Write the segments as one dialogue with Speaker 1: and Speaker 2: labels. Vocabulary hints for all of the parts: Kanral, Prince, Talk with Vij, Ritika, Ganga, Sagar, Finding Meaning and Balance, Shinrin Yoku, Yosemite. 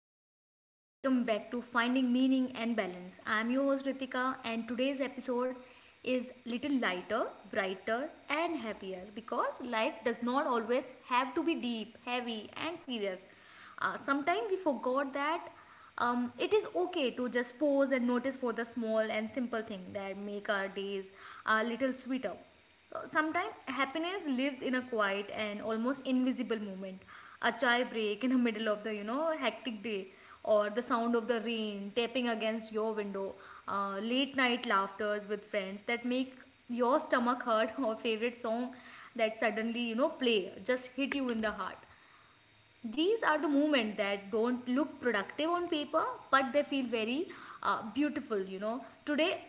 Speaker 1: everyone and welcome back to Finding Meaning and Balance. I am your host Ritika and today's episode is little lighter, brighter and happier because life does not always have to be deep, heavy and serious. Sometimes we forgot that it is okay to just pause and notice for the small and simple thing that make our days a little sweeter. Sometimes happiness lives in a quiet and almost invisible moment, a chai break in the middle of the hectic day, or the sound of the rain tapping against your window, late night laughters with friends that make your stomach hurt or favorite song that suddenly play just hit you in the heart. These are the movement that don't look productive on paper, but they feel very beautiful. You know, today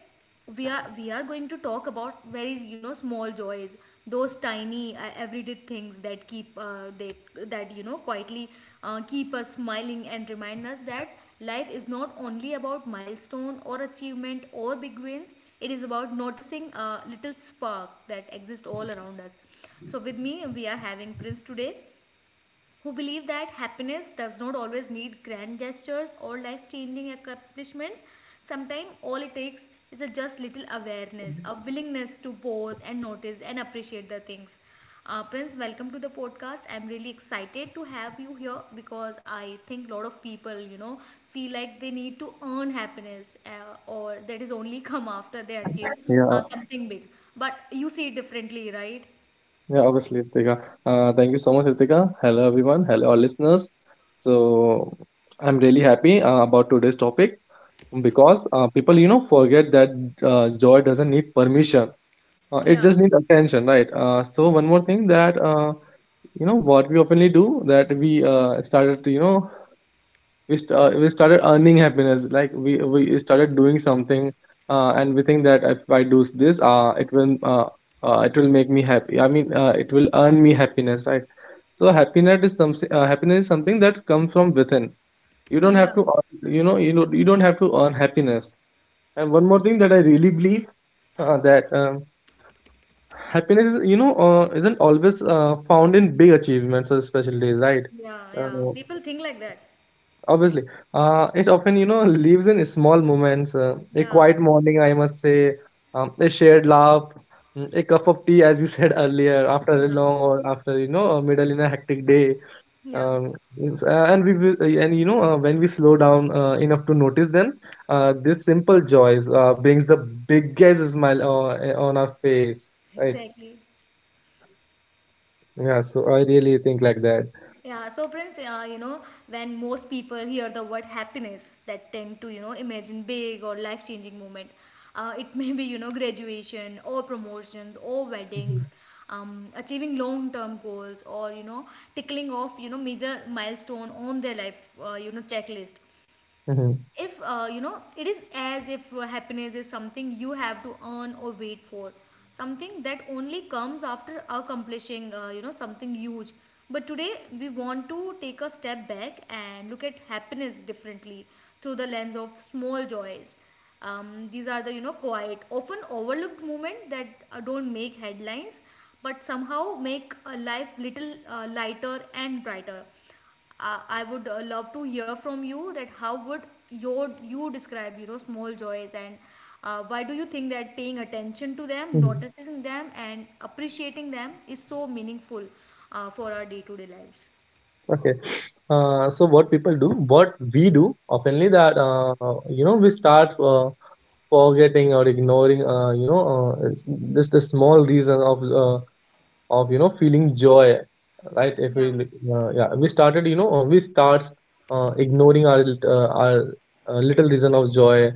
Speaker 1: we are going to talk about very small joys, those tiny everyday things that quietly keep us smiling and remind us that life is not only about milestone or achievement or big wins. It is about noticing a little spark that exists all around us. So with me, we are having Prince today, who believe that happiness does not always need grand gestures or life changing accomplishments. Sometimes all it takes is a just little awareness, a willingness to pause and notice and appreciate the things. Prince, welcome to the podcast. I'm really excited to have you here because I think a lot of people, feel like they need to earn happiness or that is only come after they achieve
Speaker 2: Yeah, uh,
Speaker 1: something big. But you see it differently, right?
Speaker 2: yeah, Obviously, Ritika. Thank you so much, Ritika. Hello, everyone. Hello, our listeners. So, I'm really happy about today's topic because people, you know, forget that joy doesn't need permission. It
Speaker 1: Yeah,
Speaker 2: just needs attention, right? So, one more thing that, you know, what we oftenly do, that we started, to, you know, we started earning happiness. Like we started doing something and we think that if I do this, it will make me happy. I mean, it will earn me happiness, right? So happiness is something, happiness is something that comes from within. You don't
Speaker 1: yeah,
Speaker 2: have to earn, you don't have to earn happiness. And one more thing that I really believe, that happiness is, isn't always found in big achievements or special days, right.
Speaker 1: yeah,
Speaker 2: uh,
Speaker 1: yeah. People think like that.
Speaker 2: Obviously, it often, you know, lives in small moments. A
Speaker 1: Yeah,
Speaker 2: quiet morning, I must say, a shared laugh, a cup of tea, as you said earlier, after a
Speaker 1: yeah.
Speaker 2: long, or after, you know, a middle in a hectic day.
Speaker 1: Yeah,
Speaker 2: Um, and we will, and you know, when we slow down enough to notice them, this simple joys brings the biggest smile on our face, right?
Speaker 1: exactly.
Speaker 2: Yeah, so I really think like that.
Speaker 1: Yeah, so Prince, when most people hear the word happiness, that tend to, imagine big or life-changing moment. It may be, graduation or promotions or weddings,
Speaker 2: hmm
Speaker 1: achieving long-term goals or, tickling off, major milestone on their life, checklist. If it is as if happiness is something you have to earn or wait for, something that only comes after accomplishing something huge. But today we want to take a step back and look at happiness differently through the lens of small joys. These are the quiet often overlooked moments that don't make headlines but somehow make a life little lighter and brighter. I would love to hear from you that how would you describe small joys, and why do you think that paying attention to them,
Speaker 2: hmm
Speaker 1: noticing them and appreciating them is so meaningful for our day-to-day lives.
Speaker 2: Okay. So what people do, what we do, oftenly, that you know, we start forgetting or ignoring, it's just a small reason of, of, you know, feeling joy, right? If
Speaker 1: Yeah,
Speaker 2: we look- Yeah, we started, we starts, ignoring our little reason of joy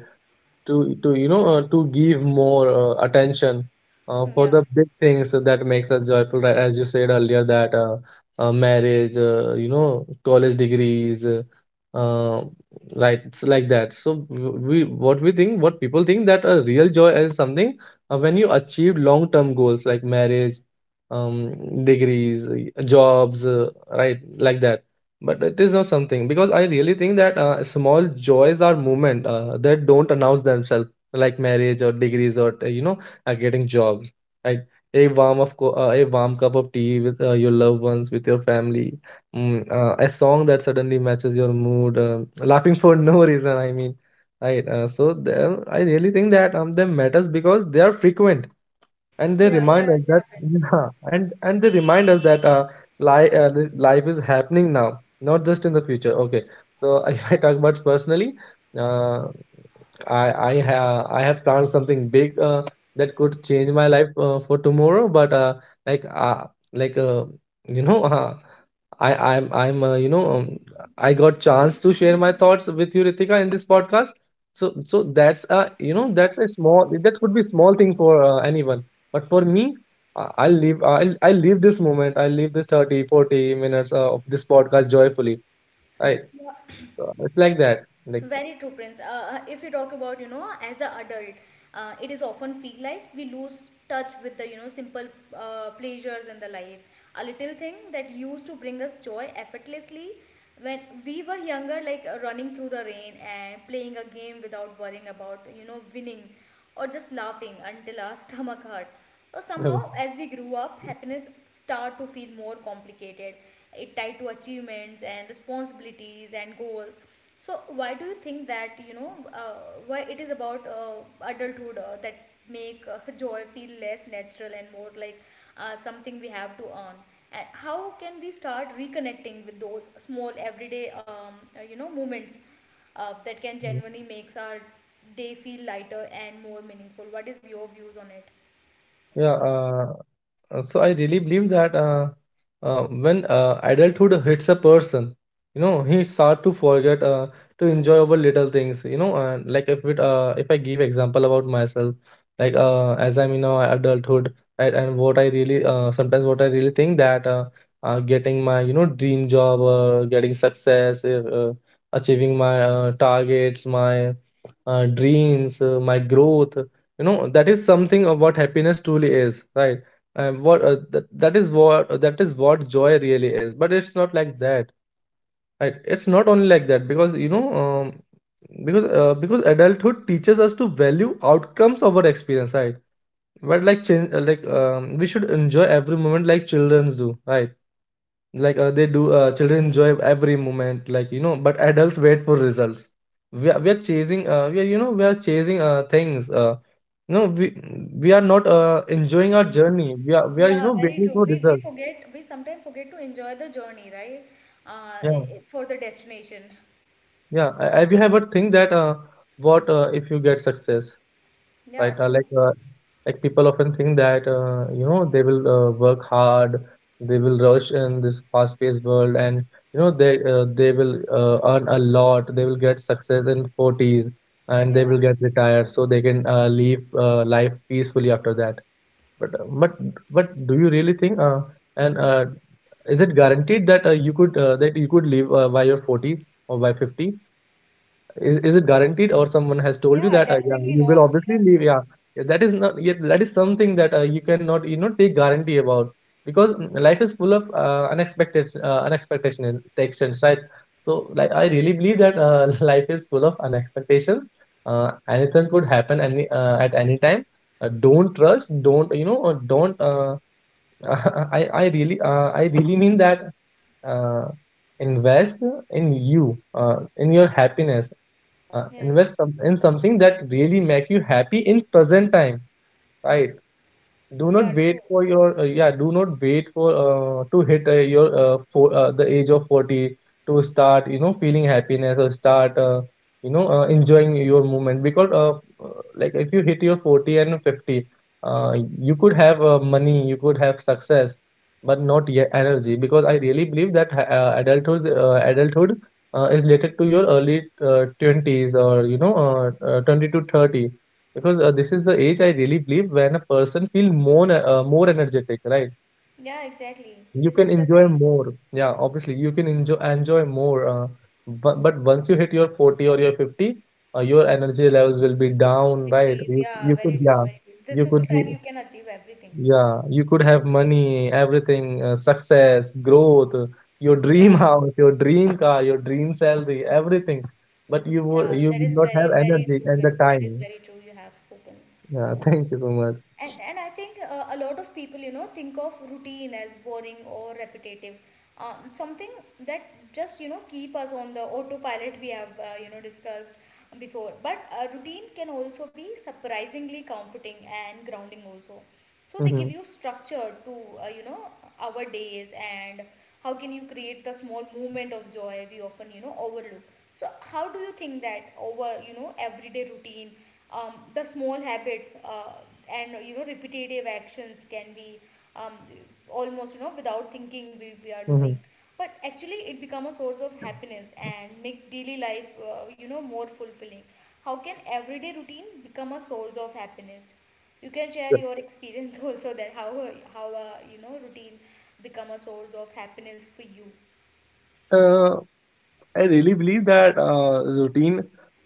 Speaker 2: to you know, to give more attention for
Speaker 1: yeah,
Speaker 2: the big things that makes us joyful, right? As you said earlier, that marriage, you know, college degrees, uh, like it's like that. So we, what we think, what people think, that a real joy is something when you achieve long term goals like marriage, um degrees, jobs, right, like that. But it is not something, because I really think that small joys are movement, that don't announce themselves like marriage or degrees or, getting jobs, right? A warm cup of tea with, your loved ones, with your family, a song that suddenly matches your mood, laughing for no reason. I mean, right? So them, I really think that, them matters because they are frequent, and they
Speaker 1: yeah,
Speaker 2: remind
Speaker 1: yeah,
Speaker 2: us that,
Speaker 1: yeah, Prince.
Speaker 2: life is happening now, not just in the future. Okay. So if I talk about personally, uh, i I have, I have planned something big that could change my life for tomorrow, but like uh, like uh, you know uh, I I'm you know I got chance to share my thoughts with you, Ritika, in this podcast. So that's a, you know, that's a small, that could be small thing for anyone, but for me, I'll leave this moment. I'll leave this 30, 40 minutes of this podcast joyfully. I
Speaker 1: Yeah.
Speaker 2: It's like that. Like.
Speaker 1: Very true, Prince. If we talk about, as an adult, it is often feel like we lose touch with the, simple pleasures in the life. A little thing that used to bring us joy effortlessly when we were younger, like running through the rain and playing a game without worrying about, winning, or just laughing until our stomach hurt. So somehow, as we grew up, happiness start to feel more complicated. It tied to achievements and responsibilities and goals. So why do you think that why it is about adulthood that make joy feel less natural and more like something we have to earn? And how can we start reconnecting with those small everyday moments that can genuinely makes our day feel lighter and more meaningful? What is your views on it?
Speaker 2: Yeah, uh, so I really believe that when adulthood hits a person, you know, he start to forget to enjoy over little things. You know, and like, if I give example about myself, like, as I'm in adulthood, and what I really, sometimes, what I really think, that getting my, you know, dream job, getting success, achieving my targets, my dreams, my growth, you know, that is something of what happiness truly is, right? And what, that is what, that is what joy really is. But it's not like that, right? It's not only like that, because, you know, because, because adulthood teaches us to value outcomes over experience, right? But like, change like, we should enjoy every moment like children do, right? Like, they do children enjoy every moment, like, you know, but adults wait for results. We are chasing, we are, you know, we are chasing things, no, we are not enjoying our journey. We are, you
Speaker 1: Yeah,
Speaker 2: know,
Speaker 1: very
Speaker 2: waiting
Speaker 1: true.
Speaker 2: for
Speaker 1: We
Speaker 2: results.
Speaker 1: forget, we sometimes forget to enjoy the journey, right?
Speaker 2: Yeah,
Speaker 1: For the destination.
Speaker 2: yeah. I We have a thing that, what, if you get success,
Speaker 1: Yeah,
Speaker 2: right?
Speaker 1: true.
Speaker 2: Like, people often think that, you know, they will work hard, they will rush in this fast-paced world, and, you know, they will earn a lot, they will get success in 40s, and they
Speaker 1: Yeah,
Speaker 2: will get retired, so they can live life peacefully after that. But uh, but but do you really think, and is it guaranteed that you could, that you could live by your 40 or by 50? Is it guaranteed, or someone has told you
Speaker 1: yeah,
Speaker 2: that, yeah,
Speaker 1: definitely
Speaker 2: you will
Speaker 1: not.
Speaker 2: obviously
Speaker 1: Yeah,
Speaker 2: leave?
Speaker 1: true.
Speaker 2: Yeah, yeah, that is not yet. That is something that you cannot, you know, take guarantee about, because, life is full of unexpected, unexpectation and expectations, right? So, like, I really believe that life is full of unexpectations. Anything could happen, any at any time. Don't trust. Don't, you know? Don't. I really, I really mean that, uh, invest in you, in your happiness.
Speaker 1: Yes.
Speaker 2: Invest some, in something that really make you happy in present time, right? Do
Speaker 1: Yeah,
Speaker 2: not wait
Speaker 1: true.
Speaker 2: for your, yeah, do not wait for to hit, your for the age of 40 to start, you know, feeling happiness, or start, enjoying your movement because, uh, like, if you hit your 40 and 50, uh, you could have money, you could have success, but not yet energy, because I really believe that adulthood is related to your early 20s, or you know, 20 to 30, because this is the age I really believe when a person feel more, more energetic, right?
Speaker 1: Yeah, exactly.
Speaker 2: You
Speaker 1: This
Speaker 2: can
Speaker 1: is the
Speaker 2: enjoy
Speaker 1: time.
Speaker 2: more. Yeah, obviously you can enjoy more. But once you hit your 40 or your 50, your energy levels will be down, right?
Speaker 1: Decrease,
Speaker 2: You
Speaker 1: yeah,
Speaker 2: you
Speaker 1: very
Speaker 2: could,
Speaker 1: true,
Speaker 2: yeah,
Speaker 1: very true, this
Speaker 2: you
Speaker 1: is the
Speaker 2: could be,
Speaker 1: time you can achieve everything.
Speaker 2: yeah, you could have money, everything, success, growth, your dream
Speaker 1: Yeah,
Speaker 2: house, your dream car, your dream salary, everything. But you would
Speaker 1: yeah,
Speaker 2: you
Speaker 1: that is
Speaker 2: would not
Speaker 1: very
Speaker 2: have
Speaker 1: very
Speaker 2: energy
Speaker 1: true
Speaker 2: and the
Speaker 1: friends, that is
Speaker 2: time.
Speaker 1: very true, you have spoken.
Speaker 2: Yeah, thank you so much.
Speaker 1: And I think a lot of people, think of routine as boring or repetitive. Something that just, keep us on the autopilot we have, discussed before. But a routine can also be surprisingly comforting and grounding also, so they give you structure to uh, you know our days, and how can you create the small moment of joy we often overlook? So how do you think that over everyday routine, the small habits and repetitive actions can be um, almost without thinking we are doing,
Speaker 2: Hmm.
Speaker 1: but actually it become a source of happiness and make daily life more fulfilling. How can everyday routine become a source of happiness? You can share your experience also that how a routine become a source of happiness for you.
Speaker 2: Uh, I really believe that routine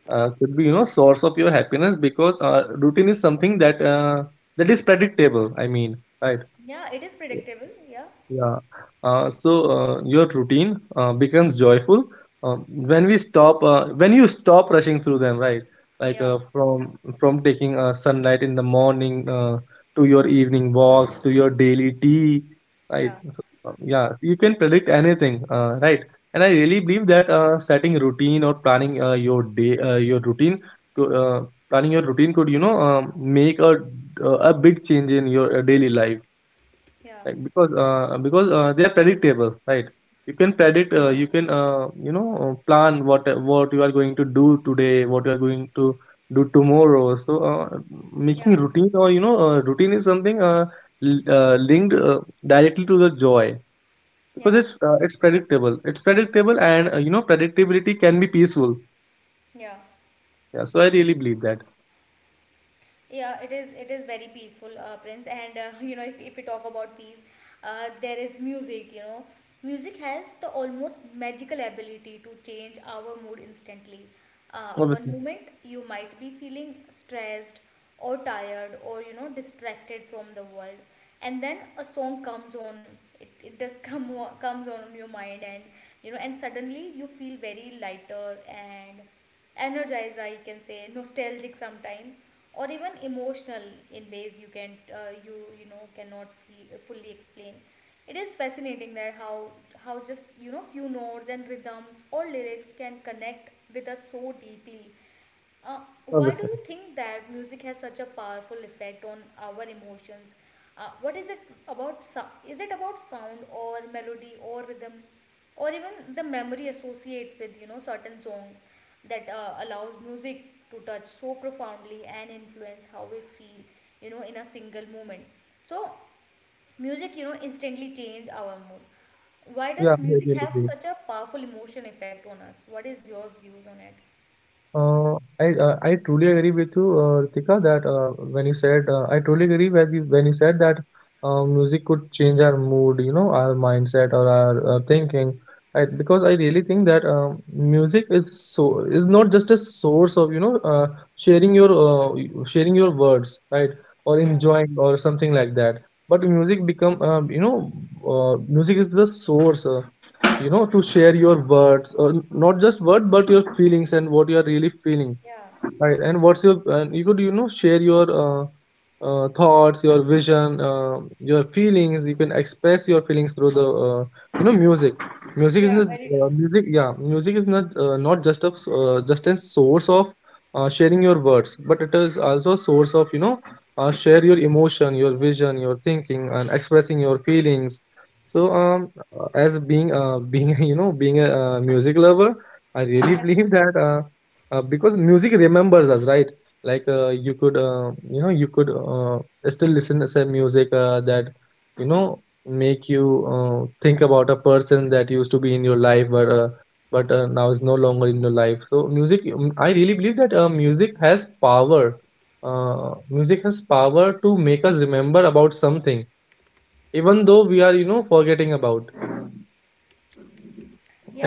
Speaker 2: could be, you know, source of your happiness, because routine is something that, that is predictable. I mean, right?
Speaker 1: Yeah, it is predictable, yeah.
Speaker 2: Yeah. So your routine becomes joyful when we stop, when you stop rushing through them, right? Like,
Speaker 1: Yeah,
Speaker 2: from taking sunlight in the morning, to your evening walks, to your daily tea, right?
Speaker 1: yeah,
Speaker 2: So, yeah, so you can predict anything, right? And I really believe that, setting routine or planning your day, your routine, could, planning your routine could, you know, make a big change in your daily life,
Speaker 1: yeah,
Speaker 2: like, because, they are predictable, right? You can predict, you can, plan what you are going to do today, what you are going to do tomorrow. So,
Speaker 1: yeah,
Speaker 2: making routine, or you know, routine is something, linked directly to the joy, because
Speaker 1: yeah,
Speaker 2: it's, it's predictable, it's predictable, and, you know, predictability can be peaceful.
Speaker 1: yeah,
Speaker 2: Yeah, so I really believe that.
Speaker 1: yeah. it is. It is very peaceful, Prince. And you know, if we talk about peace, there is music. You know, music has the almost magical ability to change our mood instantly. One
Speaker 2: obviously
Speaker 1: moment you might be feeling stressed or tired or distracted from the world, and then a song comes on, it does comes on your mind, and and suddenly you feel very lighter and energized, I can say nostalgic sometime, or even emotional in ways you can cannot fully explain. It is fascinating that how just few notes and rhythms or lyrics can connect with us so deeply. uh, why do
Speaker 2: obviously
Speaker 1: you think that music has such a powerful effect on our emotions? What is it about? Is it about sound or melody or rhythm, or even the memory associate with certain songs that allows music to touch so profoundly and influence how we feel in a single moment. So music instantly change our mood. Why
Speaker 2: Yeah,
Speaker 1: does
Speaker 2: I
Speaker 1: music
Speaker 2: really
Speaker 1: have
Speaker 2: believe.
Speaker 1: such a powerful emotion effect on us? What is your views on it?
Speaker 2: I truly agree with you, Ritika, that when you said, I truly agree when you said that music could change our mood, you know, our mindset, or our thinking. Because I really think that, music is so, is not just a source of, you know, sharing your, sharing your words, right, or
Speaker 1: Yeah,
Speaker 2: enjoying or something like that. But music become, you know, music is the source. You know, to share your words or not just words but your feelings and what you are really feeling,
Speaker 1: yeah.
Speaker 2: right? And you could, you know, share your thoughts, your vision, your feelings. You can express your feelings through the you know, music. music is
Speaker 1: Yeah,
Speaker 2: not
Speaker 1: very true.
Speaker 2: uh, music yeah, music is not, not just a just a source of sharing your words, but it is also a source of, you know, share your emotion, your vision, your thinking, and expressing your feelings. so
Speaker 1: Yeah,
Speaker 2: um uh, as being, being you know, being a music lover, I really
Speaker 1: yeah,
Speaker 2: believe that because music remembers us, right? Like, you could, you know, you could still listen to some music that, you know, make you think about a person that used to be in your life, but now is no longer in your life. So music, I really believe that music has power. Music has power to make us remember about something even though we are, you know, forgetting about.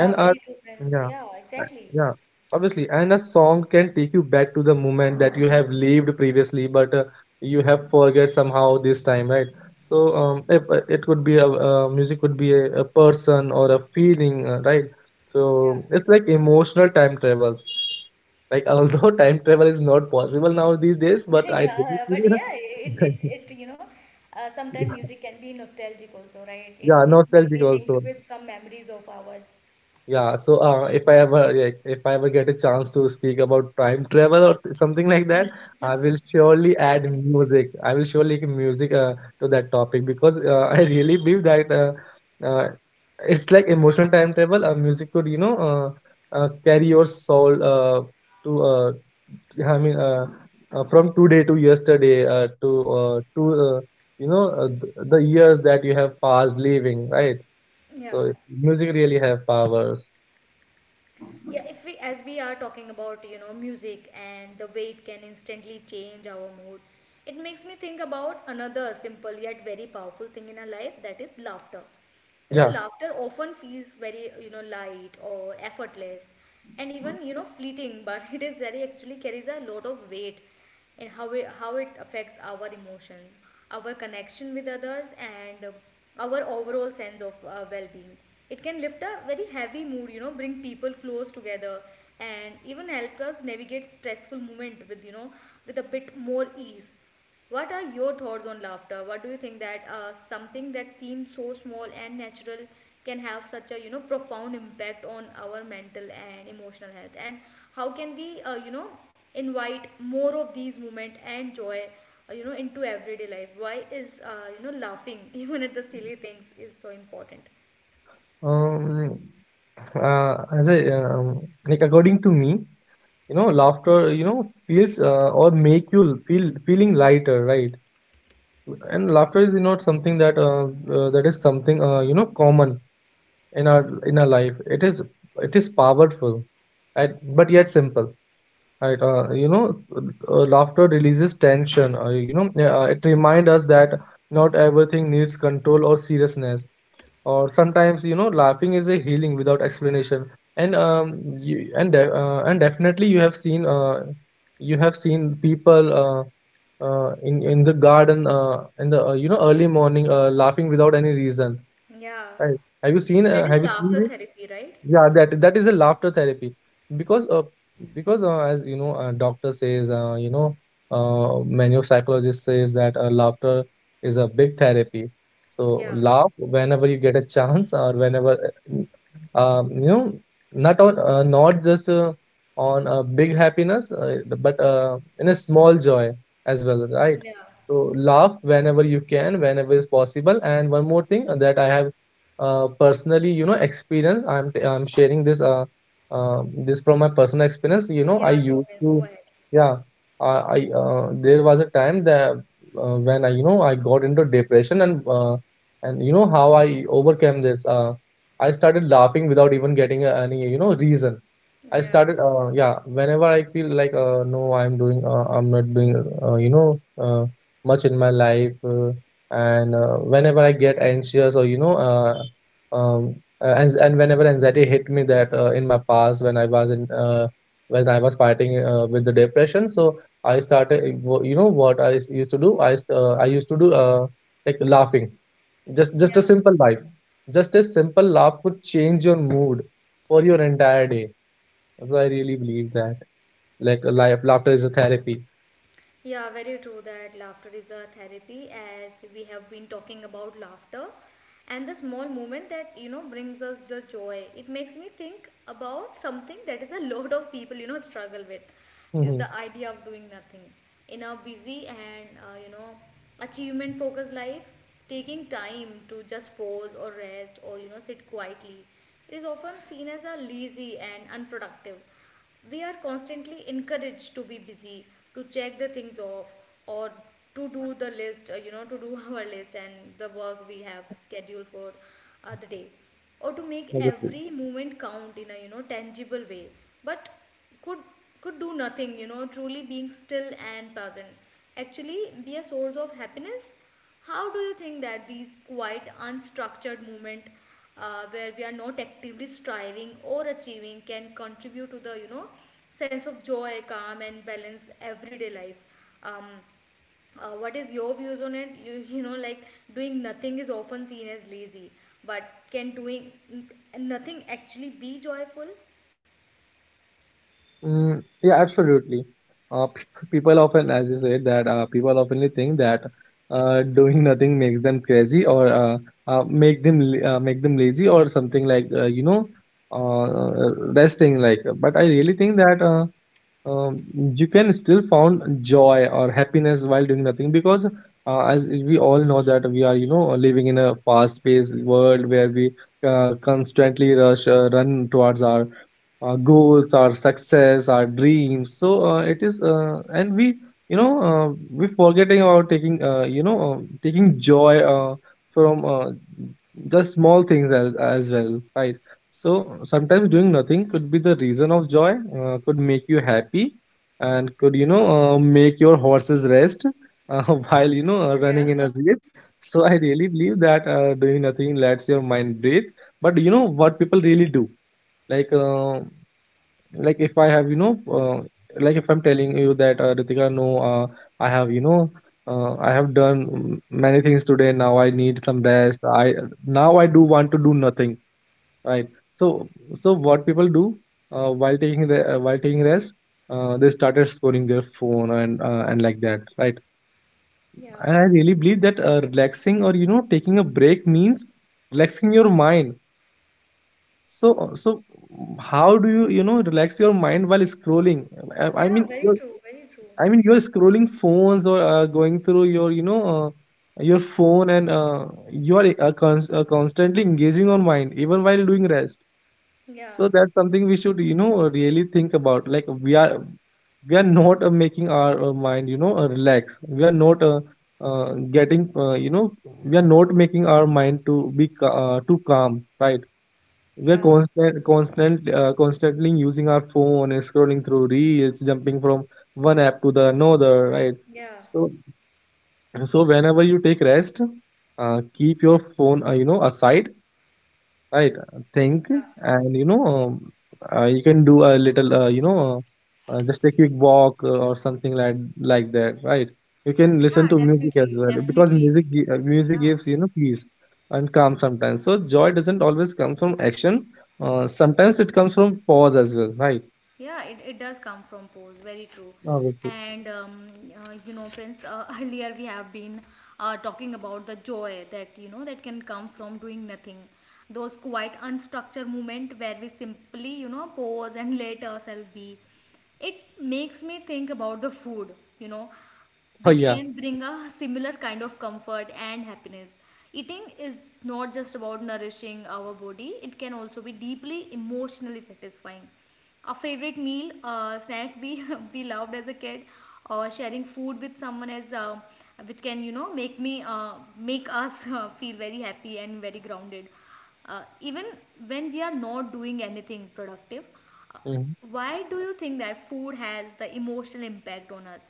Speaker 2: And our,
Speaker 1: very true, Prince.
Speaker 2: yeah,
Speaker 1: Yeah,
Speaker 2: uh,
Speaker 1: exactly.
Speaker 2: yeah, obviously. And a song can take you back to the moment that you have lived previously, but you have forget somehow this time, right? So if, it could be a, music could be a person or a feeling, right? So it's like emotional time travels. Like, although time travel is not possible now these days, but I really
Speaker 1: Yeah, but yeah, it, it,
Speaker 2: feel.
Speaker 1: it, you know, sometimes music can be nostalgic also, right? It,
Speaker 2: Yeah,
Speaker 1: it may
Speaker 2: nostalgic
Speaker 1: be
Speaker 2: also.
Speaker 1: linked with some memories of ours.
Speaker 2: Yeah, so if I ever like, if I ever get a chance to speak about time travel or something like that, I will surely add
Speaker 1: Definitely.
Speaker 2: music. I will surely give music, to that topic, because I really believe that it's like emotional time travel. Music could, you know, carry your soul, to I mean, from today to yesterday, to you know, the years that you have passed living, right?
Speaker 1: Yeah.
Speaker 2: So music really have power.
Speaker 1: Yeah, if we as we are talking about, you know, music and the way it can instantly change our mood, it makes me think about another simple yet very powerful thing in our life that is laughter. You know,
Speaker 2: Yeah.
Speaker 1: laughter often feels very, you know, light or effortless and even, you know, fleeting, but it is very actually carries a lot of weight, and how it affects our emotions, our connection with others, and our overall sense of well-being. It can lift a very heavy mood, you know, bring people close together, and even help us navigate stressful moment with with a bit more ease. What are your thoughts on laughter? What do you think that something that seems so small and natural can have such a profound impact on our mental and emotional health? And how can we invite more of these movement and joy into everyday life? Why is laughing even at the silly things is so important?
Speaker 2: Um, as I, like, according to me, you know, laughter, you know, feels, or make you feel feeling lighter, right? And laughter is not something that that is something, you know, common in our, in our life. It is, it is powerful, right? But yet simple, right? You know, laughter releases tension. You know, it reminds us that not everything needs control or seriousness, or sometimes, you know, laughing is a healing without explanation. And you, and and definitely you have seen, you have seen people in the garden, in the, you know, early morning, laughing without any reason,
Speaker 1: Yeah,
Speaker 2: right? Have you seen,
Speaker 1: that is
Speaker 2: have you seen
Speaker 1: laughter
Speaker 2: this?
Speaker 1: therapy, right?
Speaker 2: Yeah, that, that is a laughter therapy. Because as you know, doctor says, you know, many of psychologists says that laughter is a big therapy. So
Speaker 1: Yeah,
Speaker 2: laugh whenever you get a chance or whenever, you know, not just on a big happiness, but in a small joy as well, right?
Speaker 1: yeah,
Speaker 2: So laugh whenever you can, whenever is possible. And one more thing that I have, personally, you know, experience. I'm sharing this, this from my personal experience. You know, I
Speaker 1: yeah. Sure,
Speaker 2: used
Speaker 1: please go
Speaker 2: to,
Speaker 1: ahead.
Speaker 2: yeah, I, there was a time that, when I, you know, I got into depression and, and you know how I overcame this, I started laughing without even getting, any, you know, reason. I
Speaker 1: Yeah.
Speaker 2: started, yeah, whenever I feel like, no, I'm doing, I'm not doing, you know, much in my life, and whenever I get anxious or, you know, um, and whenever anxiety hit me, that, in my past when I was in, when I was fighting, with the depression, so I started, you know, what I used to do, I used to do, like laughing, just a simple laugh, just a simple laugh could change your mood for your entire day. So I really believe that, like, laughter is a therapy.
Speaker 1: Yeah, very true that laughter is a therapy. As we have been talking about laughter and the small moment that you know brings us the joy. It makes me think about something that is a lot of people you know struggle with
Speaker 2: Hmm.
Speaker 1: the idea of doing nothing in our busy and you know achievement focused life. Taking time to just pause or rest or you know sit quietly, it is often seen as a lazy and unproductive. We are constantly encouraged to be busy, to check the things off, or to do the list you know to do our list and the work we have scheduled for the day, or to make
Speaker 2: Obviously.
Speaker 1: every moment count in a you know tangible way. But could could do nothing you know truly being still and present actually be a source of happiness? How do you think that these quiet unstructured movement, where we are not actively striving or achieving, can contribute to the you know sense of joy, calm and balance everyday life? um, what is your views on it? You know like, doing nothing is often seen as lazy, but can doing nothing actually be joyful?
Speaker 2: Mm, yeah, absolutely. Uh, pe- People often, as you said, that people often think that doing nothing makes them crazy or, make them la- make them lazy or something like, you know, resting like. But I really think that. Um, you can still found joy or happiness while doing nothing, because, as we all know that we are, you know, living in a fast-paced world where we, constantly rush, run towards our goals, our success, our dreams. So it is, and we, you know, we forgetting about taking, you know, taking joy from just small things as well, right? So sometimes doing nothing could be the reason of joy, could make you happy, and could, you know, make your horses rest, while, you know, running in a
Speaker 1: Yeah.
Speaker 2: race. So I really believe that doing nothing lets your mind breathe. But you know what people really do? Like, uh, like if I have, you know, like if I'm telling you that, Ritika, no, I have, you know, I have done, mm, many things today, now I need some
Speaker 1: Yeah,
Speaker 2: rest, I now I do want to do nothing, right? So, so what people do, while taking rest, they started scrolling their phone and, and like that, right?
Speaker 1: yeah,
Speaker 2: And I really believe that relaxing or, you know, taking a break means relaxing your mind. So, so how do you, you know, relax your mind while scrolling? I
Speaker 1: yeah,
Speaker 2: mean,
Speaker 1: very
Speaker 2: you're,
Speaker 1: true, very true.
Speaker 2: I mean, you're scrolling phones or, going through your, you know, your phone, and you are, constantly engaging on mind even while doing rest.
Speaker 1: Yeah,
Speaker 2: So that's something we should, you know, really think about. Like, we are not making our, mind, you know, relax. We are not, getting, you know, we are not making our mind to be too calm, right? We're
Speaker 1: yeah,
Speaker 2: constantly using our phone, and scrolling through reels, jumping from one app to the another, right?
Speaker 1: yeah,
Speaker 2: So, so whenever you take rest, keep your phone, you know, aside. Right, think,
Speaker 1: yeah.
Speaker 2: and, you know, you can do a little, you know, just a quick walk, or something like, that, right? You can listen
Speaker 1: Yeah,
Speaker 2: to music as
Speaker 1: definitely,
Speaker 2: well, because
Speaker 1: definitely we can.
Speaker 2: music
Speaker 1: Yeah.
Speaker 2: gives, you know, peace and calm sometimes. So joy doesn't always come from action. Sometimes it comes from pause as well, right?
Speaker 1: Yeah, it does come from pose, very true.
Speaker 2: Obviously.
Speaker 1: And you know, friends, earlier we have been talking about the joy that you know that can come from doing nothing. Those quite unstructured moment where we simply you know pose and let ourselves be. It makes me think about the food. You know,
Speaker 2: Oh
Speaker 1: which
Speaker 2: yeah.
Speaker 1: can bring a similar kind of comfort and happiness. Eating is not just about nourishing our body, it can also be deeply emotionally satisfying. A favorite meal, snack we, we loved as a kid, or sharing food with someone as which can you know make me, make us feel very happy and very grounded. Even when we are not doing anything productive, uh,
Speaker 2: Hmm.
Speaker 1: why do you think that food has the emotional impact on us?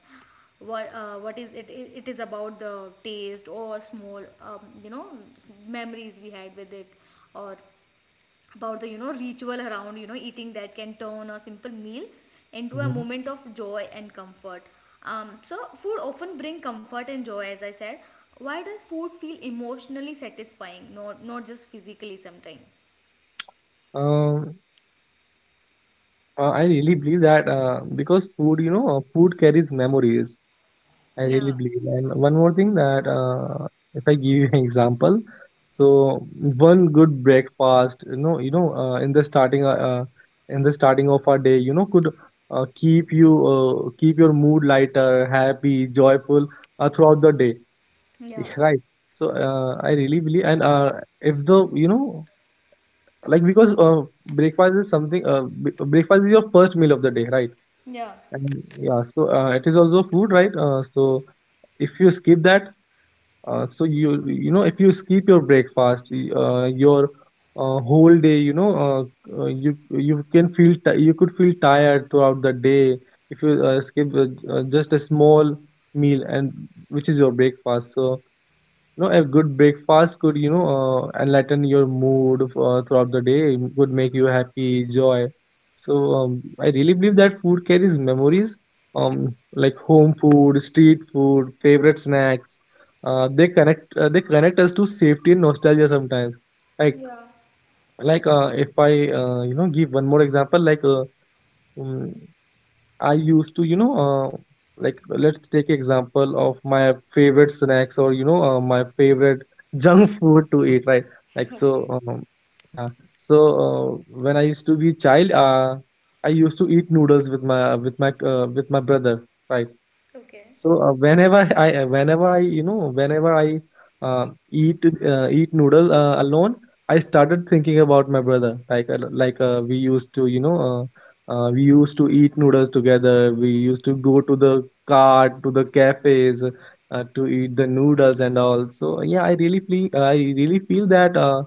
Speaker 1: What what is it, it is about the taste or small you know memories we had with it, or about the you know ritual around you know eating that can turn a simple meal into a
Speaker 2: Hmm.
Speaker 1: moment of joy and comfort? So food often bring comfort and joy as I said, why does food feel emotionally satisfying, not just physically sometimes?
Speaker 2: Um, I really believe that, because food, you know, food carries memories. I really
Speaker 1: Yeah.
Speaker 2: believe. And one more thing that, if I give you an example, so one good breakfast, you know, in the starting of our day, you know, could keep you, keep your mood lighter, happy, joyful, throughout the day,
Speaker 1: Yeah,
Speaker 2: right? So I really believe, and, if the, you know, like, because, breakfast is something, breakfast is your first meal of the day, right?
Speaker 1: yeah,
Speaker 2: And yeah, so it is also food, right? So if you skip that, so you know, if you skip your breakfast, your, whole day, you know, you can feel ti you could feel tired throughout the day if you skip, just a small meal and which is your breakfast. So, you know, a good breakfast could, you know, enlighten your mood throughout the day, could make you happy, joy. So I really believe that food carries memories, like home food, street food, favorite snacks, they connect us to safety and nostalgia sometimes. like
Speaker 1: yeah.
Speaker 2: like, if I, you know, give one more example, like, um, I used to, you know, like, let's take example of my favorite snacks, or, you know, my favorite junk food to eat, right? Like, so,
Speaker 1: Okay,
Speaker 2: yeah. So when I used to be child, I used to eat noodles with my, with my brother, right?
Speaker 1: okay.
Speaker 2: So whenever I, whenever I, you know, whenever I eat noodle, alone, I started thinking about my brother. Like, we used to, you know, we used to eat noodles together. We used to go to the cart, to the cafes, to eat the noodles and all. So yeah, I really feel that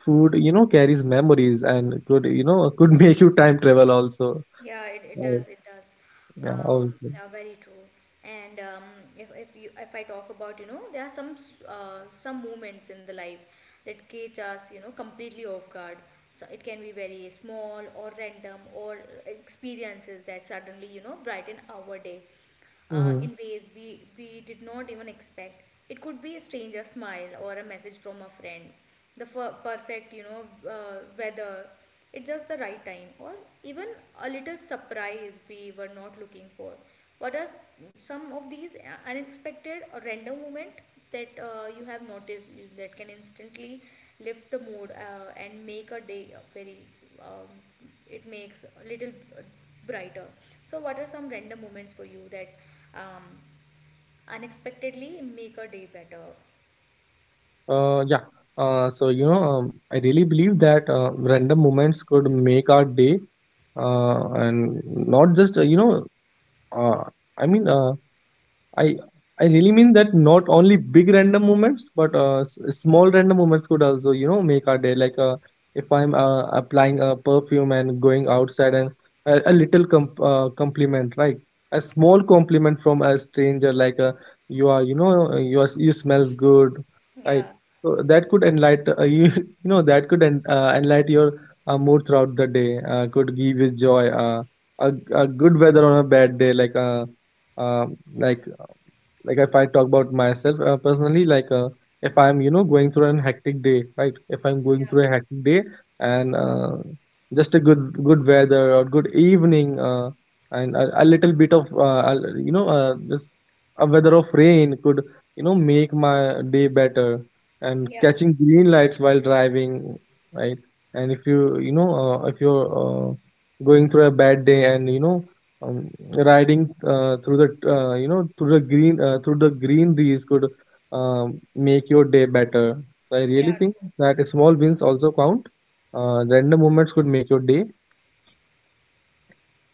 Speaker 2: food carries memories and could could make you time travel also.
Speaker 1: Yeah, it
Speaker 2: Uh,
Speaker 1: does. It does.
Speaker 2: yeah,
Speaker 1: Very true. And if you, if I talk about you know there are some some moments in the life that catch us you know completely off guard. So it can be very small or random, or experiences that suddenly you know brighten our day
Speaker 2: also.
Speaker 1: in ways we did not even expect. It could be a stranger smile or a message from a friend, the perfect, you know, weather. It's just the right time, or even a little surprise we were not looking for. What are some of these unexpected or random moment that you have noticed that can instantly lift the mood and make a day very um, it makes a little uh, brighter. So what are some random moments for you that um, unexpectedly make a day better?
Speaker 2: Yeah. So you know, I really believe that random moments could make our day, and not just you know, uh, I mean, I I really mean that not only big random moments, but small random moments could also, you know, make our day. Like, if I'm applying a perfume and going outside, and a little compliment, right? A small compliment from a stranger, like, you are, you know, you are, you smells good, right?
Speaker 1: Yeah,
Speaker 2: So that could enlighten you, you know, that could en enlighten your mood throughout the day. Could give you joy. A good weather on a bad day, like, um, like like if I talk about myself personally, like, if I'm, you know, going through an hectic day, right? If I'm going through a
Speaker 1: yeah,
Speaker 2: hectic day and just a good weather or good evening, and a little bit of you know, just a weather of rain could, you know, make my day better, and
Speaker 1: yeah,
Speaker 2: catching green lights while driving, right? And if you, you know, if you're, going through a bad day and you know, um, riding through the, you know, through the green through the greeneries could, make your day better. So I really
Speaker 1: yeah,
Speaker 2: think
Speaker 1: true.
Speaker 2: that small wins also count. Random moments could make your day.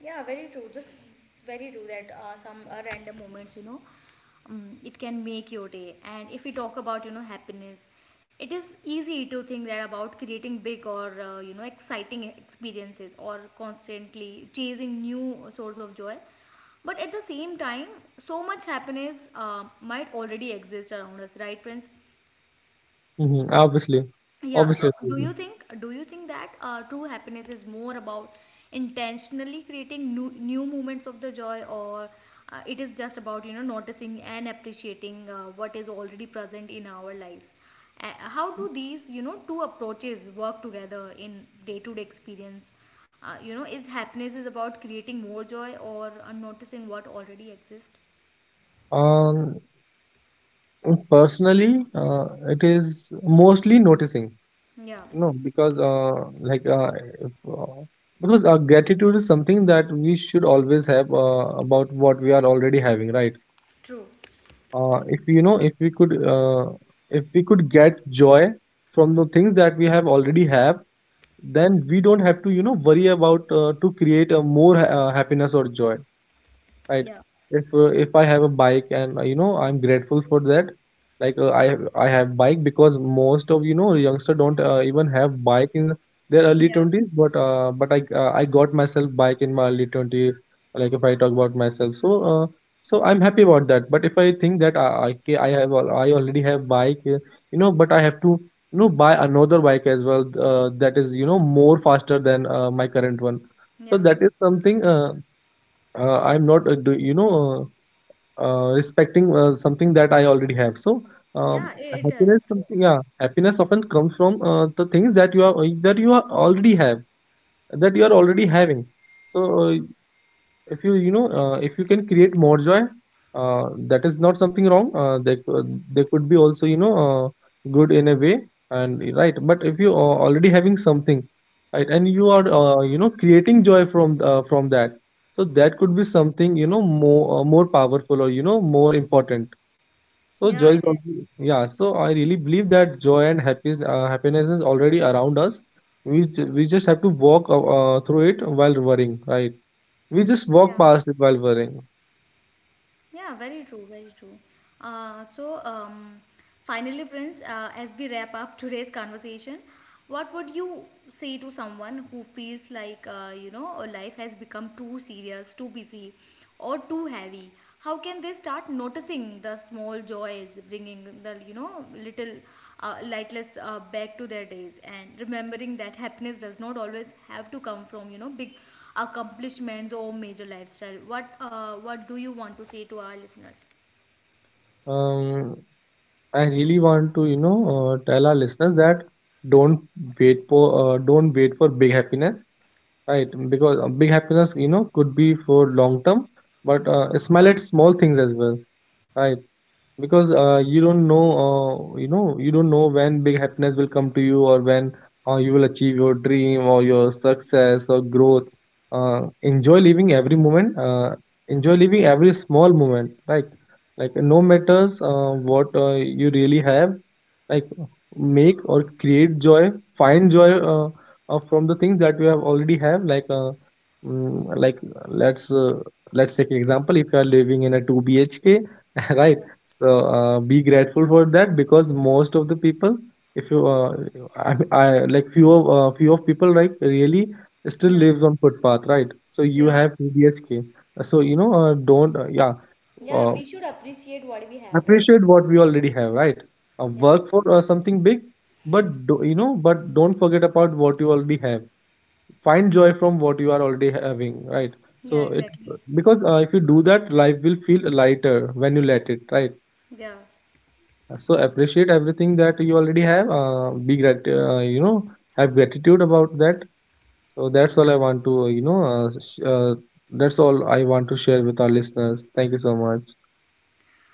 Speaker 1: Yeah, very true, this, very true that some random moments you know, it can make your day. And if we talk about you know happiness, it is easy to think that about creating big or you know exciting experiences or constantly chasing new source of joy, but at the same time so much happiness might already exist around us, right Prince?
Speaker 2: Hmm. Obviously,
Speaker 1: Yeah, so
Speaker 2: obviously.
Speaker 1: do
Speaker 2: Obviously.
Speaker 1: you think, do you think that true happiness is more about intentionally creating new moments of the joy, or it is just about you know noticing and appreciating what is already present in our lives? How do these you know two approaches work together in day to day experience? You know, is happiness is about creating more joy or noticing what already exists?
Speaker 2: Um, Personally, it is mostly noticing.
Speaker 1: Yeah,
Speaker 2: You know, because like if, because gratitude is something that we should always have about what we are already having, right?
Speaker 1: true.
Speaker 2: If you know if we could get joy from the things that we have already have, then we don't have to, you know, worry about to create a more happiness or joy, right?
Speaker 1: Yeah,
Speaker 2: If if I have a bike and, you know, I'm grateful for that. Like, I have bike, because most of you know youngster don't even have bike in their early
Speaker 1: yeah,
Speaker 2: 20s, but I got myself bike in my early 20s. Like if I talk about myself. So, so I'm happy about that, but if I think that I, ca- I have al- I already have bike, you know, but I have to, you know, buy another bike as well, that is, you know, more faster than my current one. So
Speaker 1: yeah,
Speaker 2: that is something, I'm not, you know, respecting something that I already have. So,
Speaker 1: yeah. It is true.
Speaker 2: yeah, happiness often comes from the things that you are already have, that you are already having. So, if you, you know, if you can create more joy, that is not something wrong, they could be also, you know, good in a way and right, but if you are already having something, right, and you are, you know, creating joy from that, so that could be something, you know, more more powerful or you know more important. So
Speaker 1: Yeah,
Speaker 2: joy
Speaker 1: it
Speaker 2: is
Speaker 1: is.
Speaker 2: already, yeah, so I really believe that joy and happiness is already around us. We just have to walk through it while worrying, right? We just walk
Speaker 1: Yeah.
Speaker 2: past it while worrying.
Speaker 1: Yeah, very true, very true. So, finally, Prince, as we wrap up today's conversation, what would you say to someone who feels like, you know, life has become too serious, too busy, or too heavy? How can they start noticing the small joys, bringing the, you know, little lightless back to their days, and remembering that happiness does not always have to come from, you know, big accomplishments or major lifestyle? What what do you want to say to our listeners?
Speaker 2: Um, I really want to, you know, tell our listeners that don't don't wait for big happiness, right? Because big happiness, you know, could be for long term, but smile at small things as well, right? Because you don't know, you know, you don't know when big happiness will come to you, or when you will achieve your dream or your success or growth. Enjoy living every moment. Enjoy living every small moment. Like no matters what you really have. Like, make or create joy. Find joy, from the things that you have already have. Like, like let's uh, let's take an example. If you are living in a two BHK, right?
Speaker 1: Yeah,
Speaker 2: So be grateful for that, because most of the people, if you, I like few of few of people like really still
Speaker 1: yeah,
Speaker 2: lives on footpath, right? So you
Speaker 1: yeah.
Speaker 2: have PDHK. So you know, don't yeah, uh,
Speaker 1: Yeah, we should appreciate what we have, right?
Speaker 2: appreciate what we already have, right?
Speaker 1: Yeah,
Speaker 2: Work for something big, but do, you know, but don't forget about what you already have. Find joy from what you are already having, right?
Speaker 1: yeah
Speaker 2: So it,
Speaker 1: exactly.
Speaker 2: because if you do that, life will feel lighter when you let it, right?
Speaker 1: Yeah.
Speaker 2: So appreciate everything that you already have. You know, have gratitude about that. So that's all I want to, you know, that's all I want to share with our listeners. Thank you so much.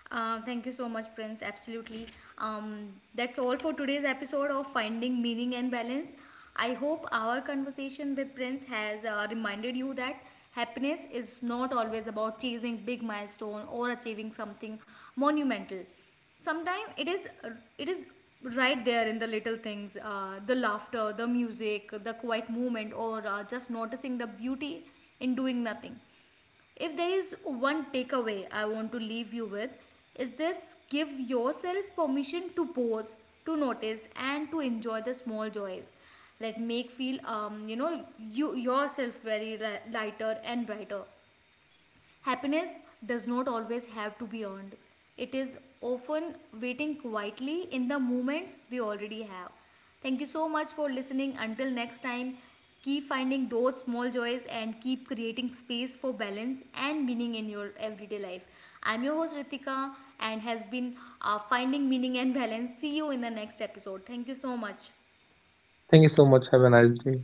Speaker 1: Thank you so much, Prince. Absolutely. That's all for today's episode of Finding Meaning and Balance. I hope our conversation with Prince has reminded you that happiness is not always about chasing big milestone or achieving something monumental. Sometimes it is right there in the little things, the laughter, the music, the quiet moment, or just noticing the beauty in doing nothing. If there is one takeaway I want to leave you with, is this: give yourself permission to pause, to notice, and to enjoy the small joys that make feel you know you yourself very lighter and brighter. Happiness does not always have to be earned. It is often waiting quietly in the moments we already have. Thank you so much for listening. Until next time, keep finding those small joys and keep creating space for balance and meaning in your everyday life. I'm your host Ritika and has been finding meaning and balance. See you in the next episode. Thank you so much.
Speaker 2: Thank you so much. Have a nice day.